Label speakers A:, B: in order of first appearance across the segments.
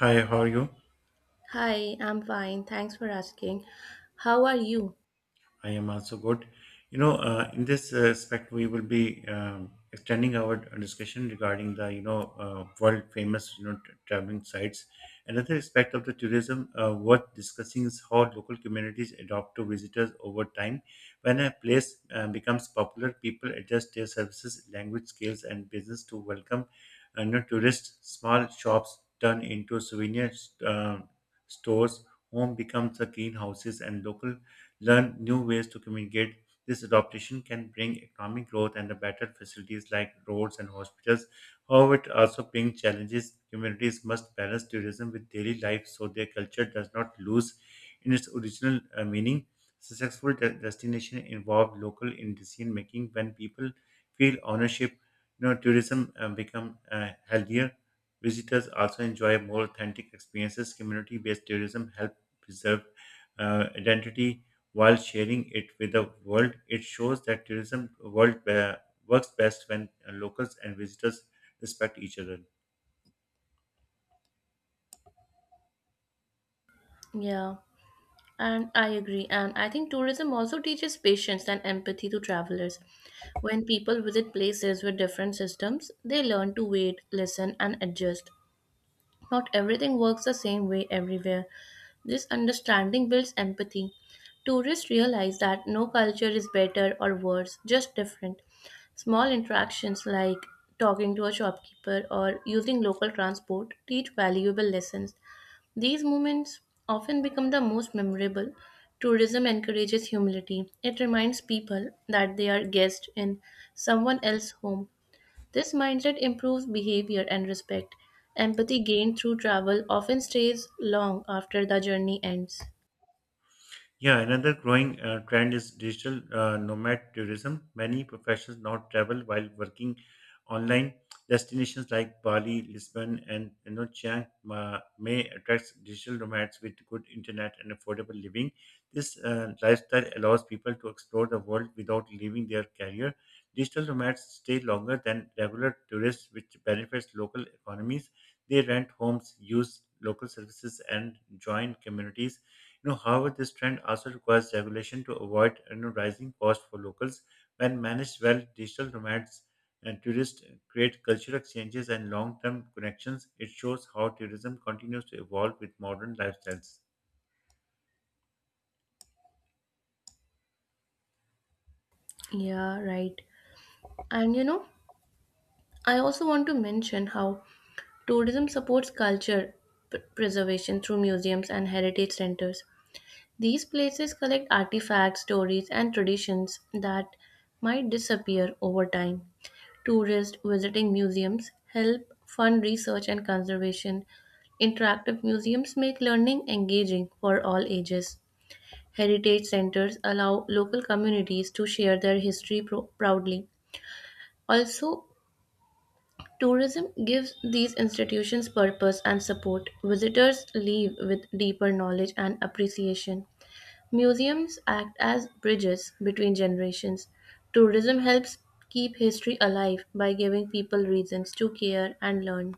A: Hi, how are you?
B: Hi, I'm fine. Thanks for asking. How are you?
A: I am also good. In this respect, we will be extending our discussion regarding the world famous, traveling sites. Another aspect of the tourism worth discussing is how local communities adopt to visitors over time. When a place becomes popular, people adjust their services, language skills, and business to welcome tourists. Small shops turn into souvenir uh, stores. Home becomes a greenhouses and local learn new ways to communicate. This adaptation can bring economic growth and the better facilities like roads and hospitals. However, it also brings challenges. Communities must balance tourism with daily life so their culture does not lose in its original meaning. Successful destination involve local in decision making. When people feel ownership, tourism become healthier. Visitors also enjoy more authentic experiences. Community-based tourism help preserve identity while sharing it with the world. It shows that tourism world works best when locals and visitors respect each other.
B: Yeah, and I agree. And I think tourism also teaches patience and empathy to travelers. When people visit places with different systems, they learn to wait, listen, and adjust. Not everything works the same way everywhere. This understanding builds empathy. Tourists realize that no culture is better or worse, just different. Small interactions like talking to a shopkeeper or using local transport teach valuable lessons. These moments often become the most memorable. Tourism encourages humility. It reminds people that they are guests in someone else's home. This mindset improves behavior and respect. Empathy gained through travel often stays long after the journey ends.
A: Yeah, another growing trend is digital nomad tourism. Many professionals now travel while working online. Destinations like Bali, Lisbon, and Chiang Mai attracts digital nomads with good internet and affordable living. This lifestyle allows people to explore the world without leaving their career. Digital nomads stay longer than regular tourists, which benefits local economies. They rent homes, use local services, and join communities. However, this trend also requires regulation to avoid rising costs for locals. When managed well, digital nomads and tourists create cultural exchanges and long-term connections. It shows how tourism continues to evolve with modern lifestyles.
B: Yeah, right. And I also want to mention how tourism supports culture preservation through museums and heritage centers. These places collect artifacts, stories, and traditions that might disappear over time. Tourists visiting museums help fund research and conservation. Interactive museums make learning engaging for all ages. Heritage centers allow local communities to share their history proudly. Also, tourism gives these institutions purpose and support. Visitors leave with deeper knowledge and appreciation. Museums act as bridges between generations. Tourism helps keep history alive by giving people reasons to care and learn.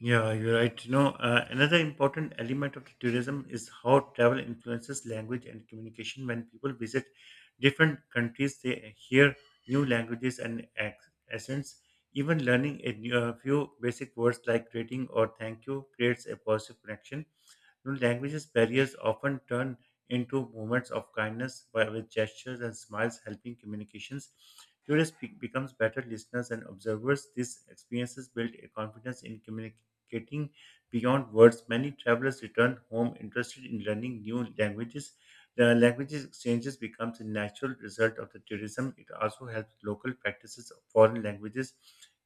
A: Yeah, you're right. Another important element of tourism is how travel influences language and communication. When people visit different countries, they hear new languages and accents. Even learning a a few basic words like greeting or thank you creates a positive connection. Languages barriers often turn into moments of kindness by, with gestures and smiles helping communications. Tourists becomes better listeners and observers. These experiences build a confidence in communication getting beyond words, many travelers return home interested in learning new languages. The languages exchanges becomes a natural result of the tourism. It also helps local practices of foreign languages,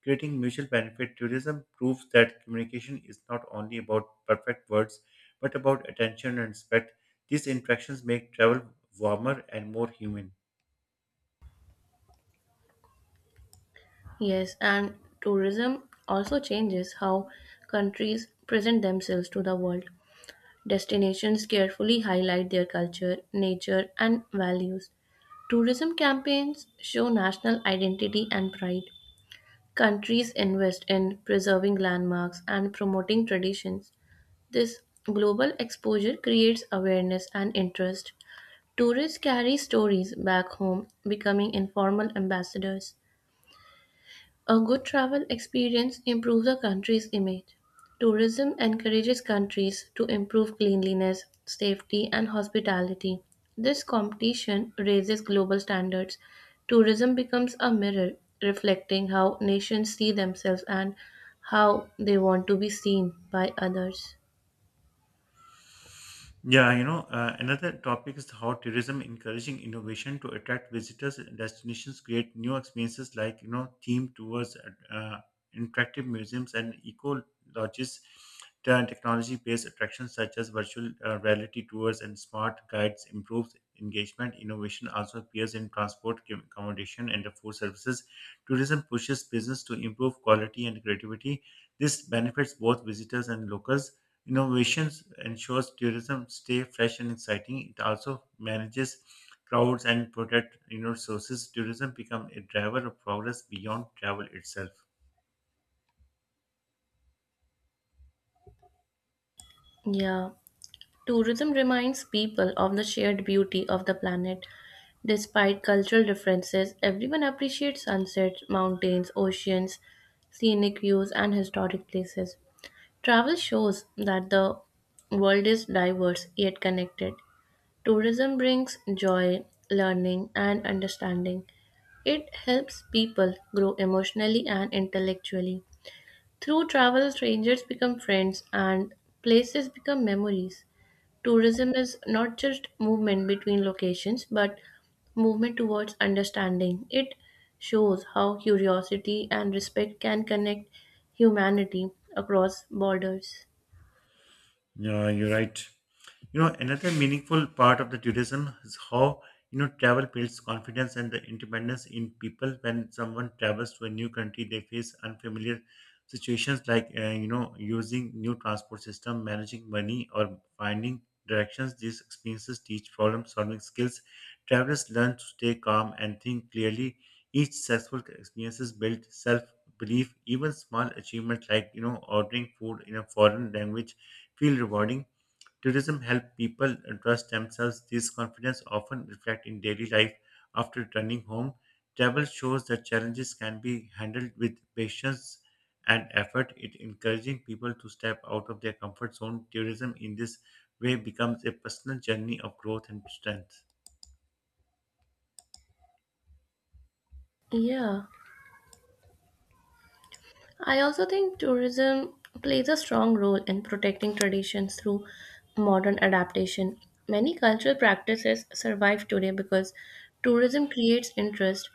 A: creating mutual benefit. Tourism proves that communication is not only about perfect words, but about attention and respect. These interactions make travel warmer and more human.
B: Yes, and tourism also changes how countries present themselves to the world. Destinations carefully highlight their culture, nature, and values. Tourism campaigns show national identity and pride. Countries invest in preserving landmarks and promoting traditions. This global exposure creates awareness and interest. Tourists carry stories back home, becoming informal ambassadors. A good travel experience improves a country's image. Tourism encourages countries to improve cleanliness, safety, and hospitality. This competition raises global standards. Tourism becomes a mirror reflecting how nations see themselves and how they want to be seen by others.
A: Yeah, another topic is how tourism encouraging innovation to attract visitors. Destinations create new experiences like, themed tours, interactive museums, and eco lodges. Turn technology-based attractions such as virtual reality tours and smart guides improves engagement. Innovation also appears in transport, accommodation, and the food services. Tourism pushes business to improve quality and creativity. This benefits both visitors and locals. Innovations ensures tourism stay fresh and exciting. It also manages crowds and protect resources. Tourism become a driver of progress beyond travel itself.
B: Yeah. Tourism reminds people of the shared beauty of the planet. Despite cultural differences, everyone appreciates sunsets, mountains, oceans, scenic views, and historic places. Travel shows that the world is diverse yet connected. Tourism brings joy, learning, and understanding. It helps people grow emotionally and intellectually. Through travel, strangers become friends and places become memories. Tourism is not just movement between locations, but movement towards understanding. It shows how curiosity and respect can connect humanity across borders.
A: Yeah, you're right. You know, another meaningful part of the tourism is how travel builds confidence and the independence in people. When someone travels to a new country, they face unfamiliar situations like using new transport system, managing money, or finding directions. These experiences teach problem-solving skills. Travelers learn to stay calm and think clearly. Each successful experiences build self-belief. Even small achievements like ordering food in a foreign language feel rewarding. Tourism helps people trust themselves. This confidence often reflects in daily life after returning home. Travel shows that challenges can be handled with patience and effort. It encouraging people to step out of their comfort zone. Tourism in this way becomes a personal journey of growth and strength.
B: Yeah. I also think tourism plays a strong role in protecting traditions through modern adaptation. Many cultural practices survive today because tourism creates interest.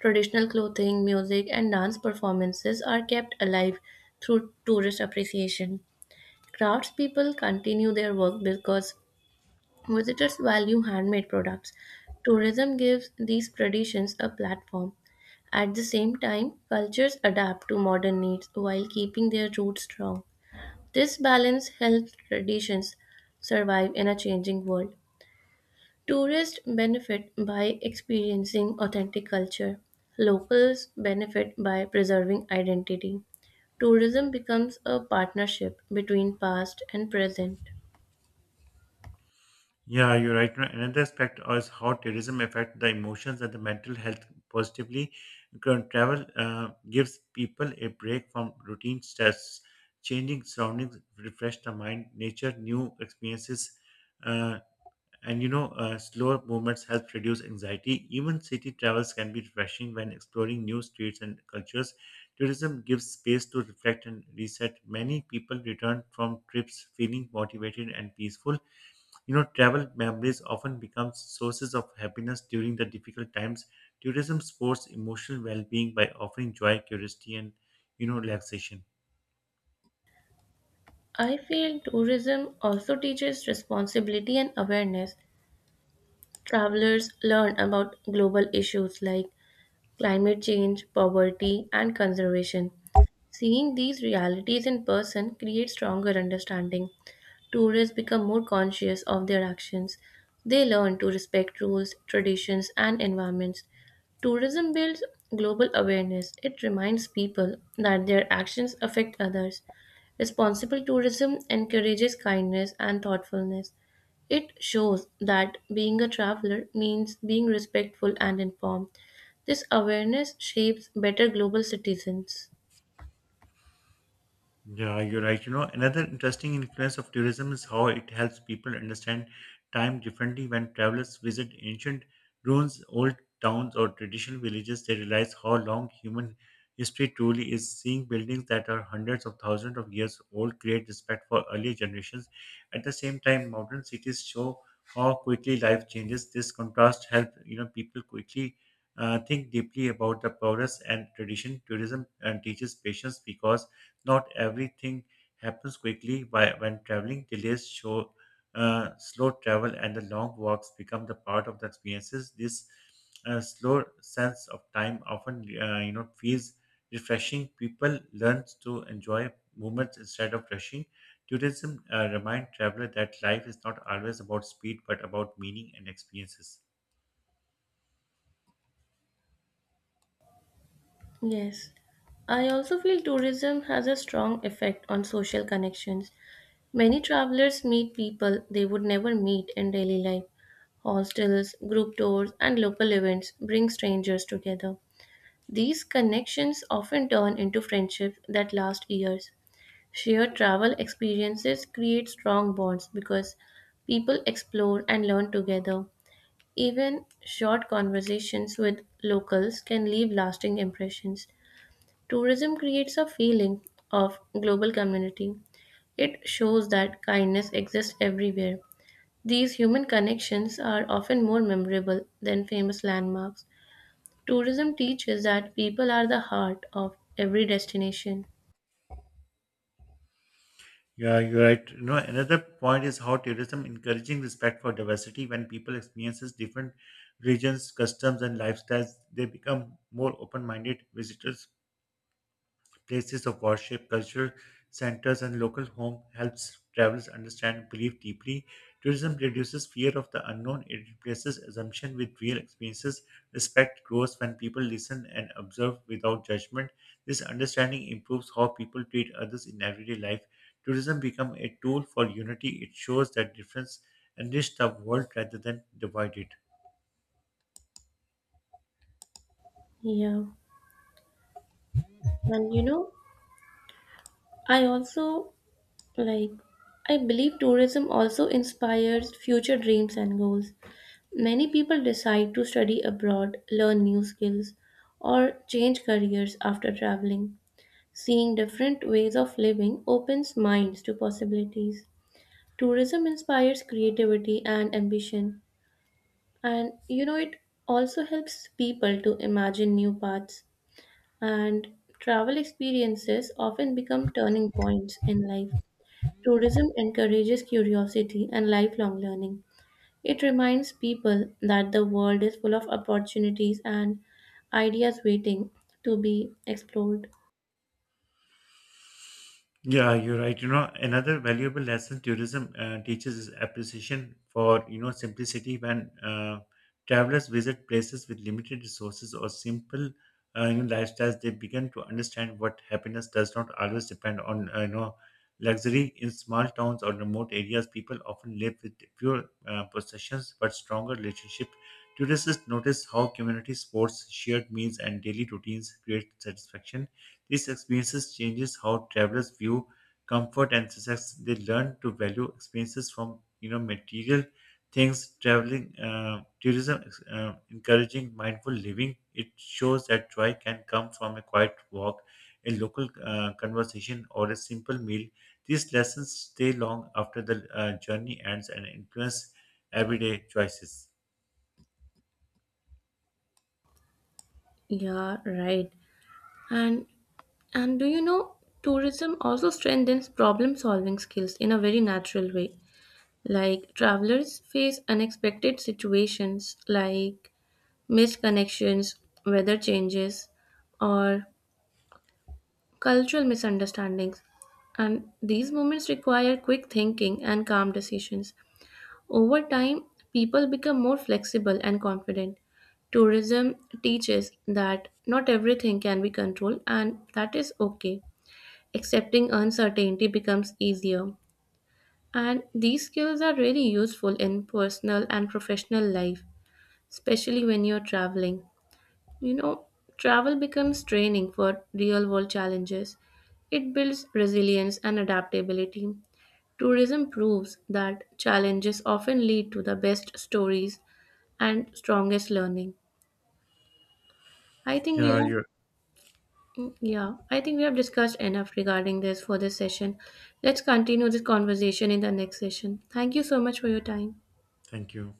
B: Traditional clothing, music, and dance performances are kept alive through tourist appreciation. Craftspeople continue their work because visitors value handmade products. Tourism gives these traditions a platform at the same time, cultures adapt to modern needs while keeping their roots strong. This balance helps traditions survive in a changing world. Tourists benefit by experiencing authentic culture. Locals benefit by preserving identity. Tourism becomes a partnership between past and present.
A: Yeah, you're right. Another aspect is how tourism affects the emotions and the mental health positively. Because travel gives people a break from routine stress, changing surroundings refresh the mind, nature, new experiences. Uh, and slower movements help reduce anxiety, even city travels can be refreshing when exploring new streets and cultures. Tourism gives space to reflect and reset. Many people return from trips feeling motivated and peaceful. Travel memories often become sources of happiness during the difficult times. Tourism supports emotional well-being by offering joy, curiosity, and relaxation.
B: I feel tourism also teaches responsibility and awareness. Travelers learn about global issues like climate change, poverty, and conservation. Seeing these realities in person creates stronger understanding. Tourists become more conscious of their actions. They learn to respect rules, traditions, and environments. Tourism builds global awareness. It reminds people that their actions affect others. Responsible tourism encourages kindness and thoughtfulness. It shows that being a traveler means being respectful and informed. This awareness shapes better global citizens.
A: Yeah, you're right. You know, another interesting influence of tourism is how it helps people understand time differently. When travelers visit ancient ruins, old towns, or traditional villages, they realize how long human history truly is. Seeing buildings that are hundreds of thousands of years old create respect for earlier generations. At the same time, modern cities show how quickly life changes. This contrast helps people quickly think deeply about the progress and tradition. Tourism teaches patience because not everything happens quickly. When traveling, delays show slow travel and the long walks become the part of the experiences. This slow sense of time often feels refreshing. People learn to enjoy moments instead of rushing. Tourism remind traveler that life is not always about speed but about meaning and experiences.
B: Yes. I also feel tourism has a strong effect on social connections. Many travelers meet people they would never meet in daily life. Hostels, group tours, and local events bring strangers together. These connections often turn into friendships that last years. Shared travel experiences create strong bonds because people explore and learn together. Even short conversations with locals can leave lasting impressions. Tourism creates a feeling of global community. It shows that kindness exists everywhere. These human connections are often more memorable than famous landmarks. Tourism teaches that people are the heart of every destination.
A: Yeah, you're right. You know, another point is how tourism encouraging respect for diversity when people experiences different regions, customs, and lifestyles, they become more open-minded visitors places of worship, cultural centers, and local home helps travelers understand belief deeply. Tourism reduces fear of the unknown. It replaces assumption with real experiences. Respect grows when people listen and observe without judgment. This understanding improves how people treat others in everyday life. Tourism becomes a tool for unity. It shows that difference enrich the world rather than divide it.
B: Yeah. And I also like, I believe tourism also inspires future dreams and goals. Many people decide to study abroad, learn new skills, or change careers after traveling. Seeing different ways of living opens minds to possibilities. Tourism inspires creativity and ambition, and it also helps people to imagine new paths. And travel experiences often become turning points in life. Tourism encourages curiosity and lifelong learning. It reminds people that the world is full of opportunities and ideas waiting to be explored.
A: Yeah, you're right. You know, another valuable lesson tourism teaches is appreciation for, simplicity when travelers visit places with limited resources or simple lifestyles, they begin to understand what happiness does not always depend on, luxury. In small towns or remote areas, people often live with fewer possessions but stronger relationship. Tourists notice how community sports, shared meals, and daily routines create satisfaction. These experiences changes how travelers view comfort and success. They learn to value experiences from material things. Traveling tourism encouraging mindful living. It shows that joy can come from a quiet walk, a local conversation, or a simple meal. These lessons stay long after the journey ends and influence everyday choices.
B: Yeah, right. And and do you know tourism also strengthens problem solving skills in a very natural way. Like travelers face unexpected situations like missed connections, weather changes, or cultural misunderstandings. And these moments require quick thinking and calm decisions. Over time, people become more flexible and confident. Tourism teaches that not everything can be controlled, and that is okay. Accepting uncertainty becomes easier. And these skills are really useful in personal and professional life, especially when you're traveling. You know, travel becomes training for real world challenges. It builds resilience and adaptability. Tourism proves that challenges often lead to the best stories and strongest learning. I think we
A: Yeah,
B: have,
A: you.
B: mm, yeah, I think we have discussed enough regarding this for this session. Let's continue this conversation in the next session. Thank you so much for your time.
A: Thank you.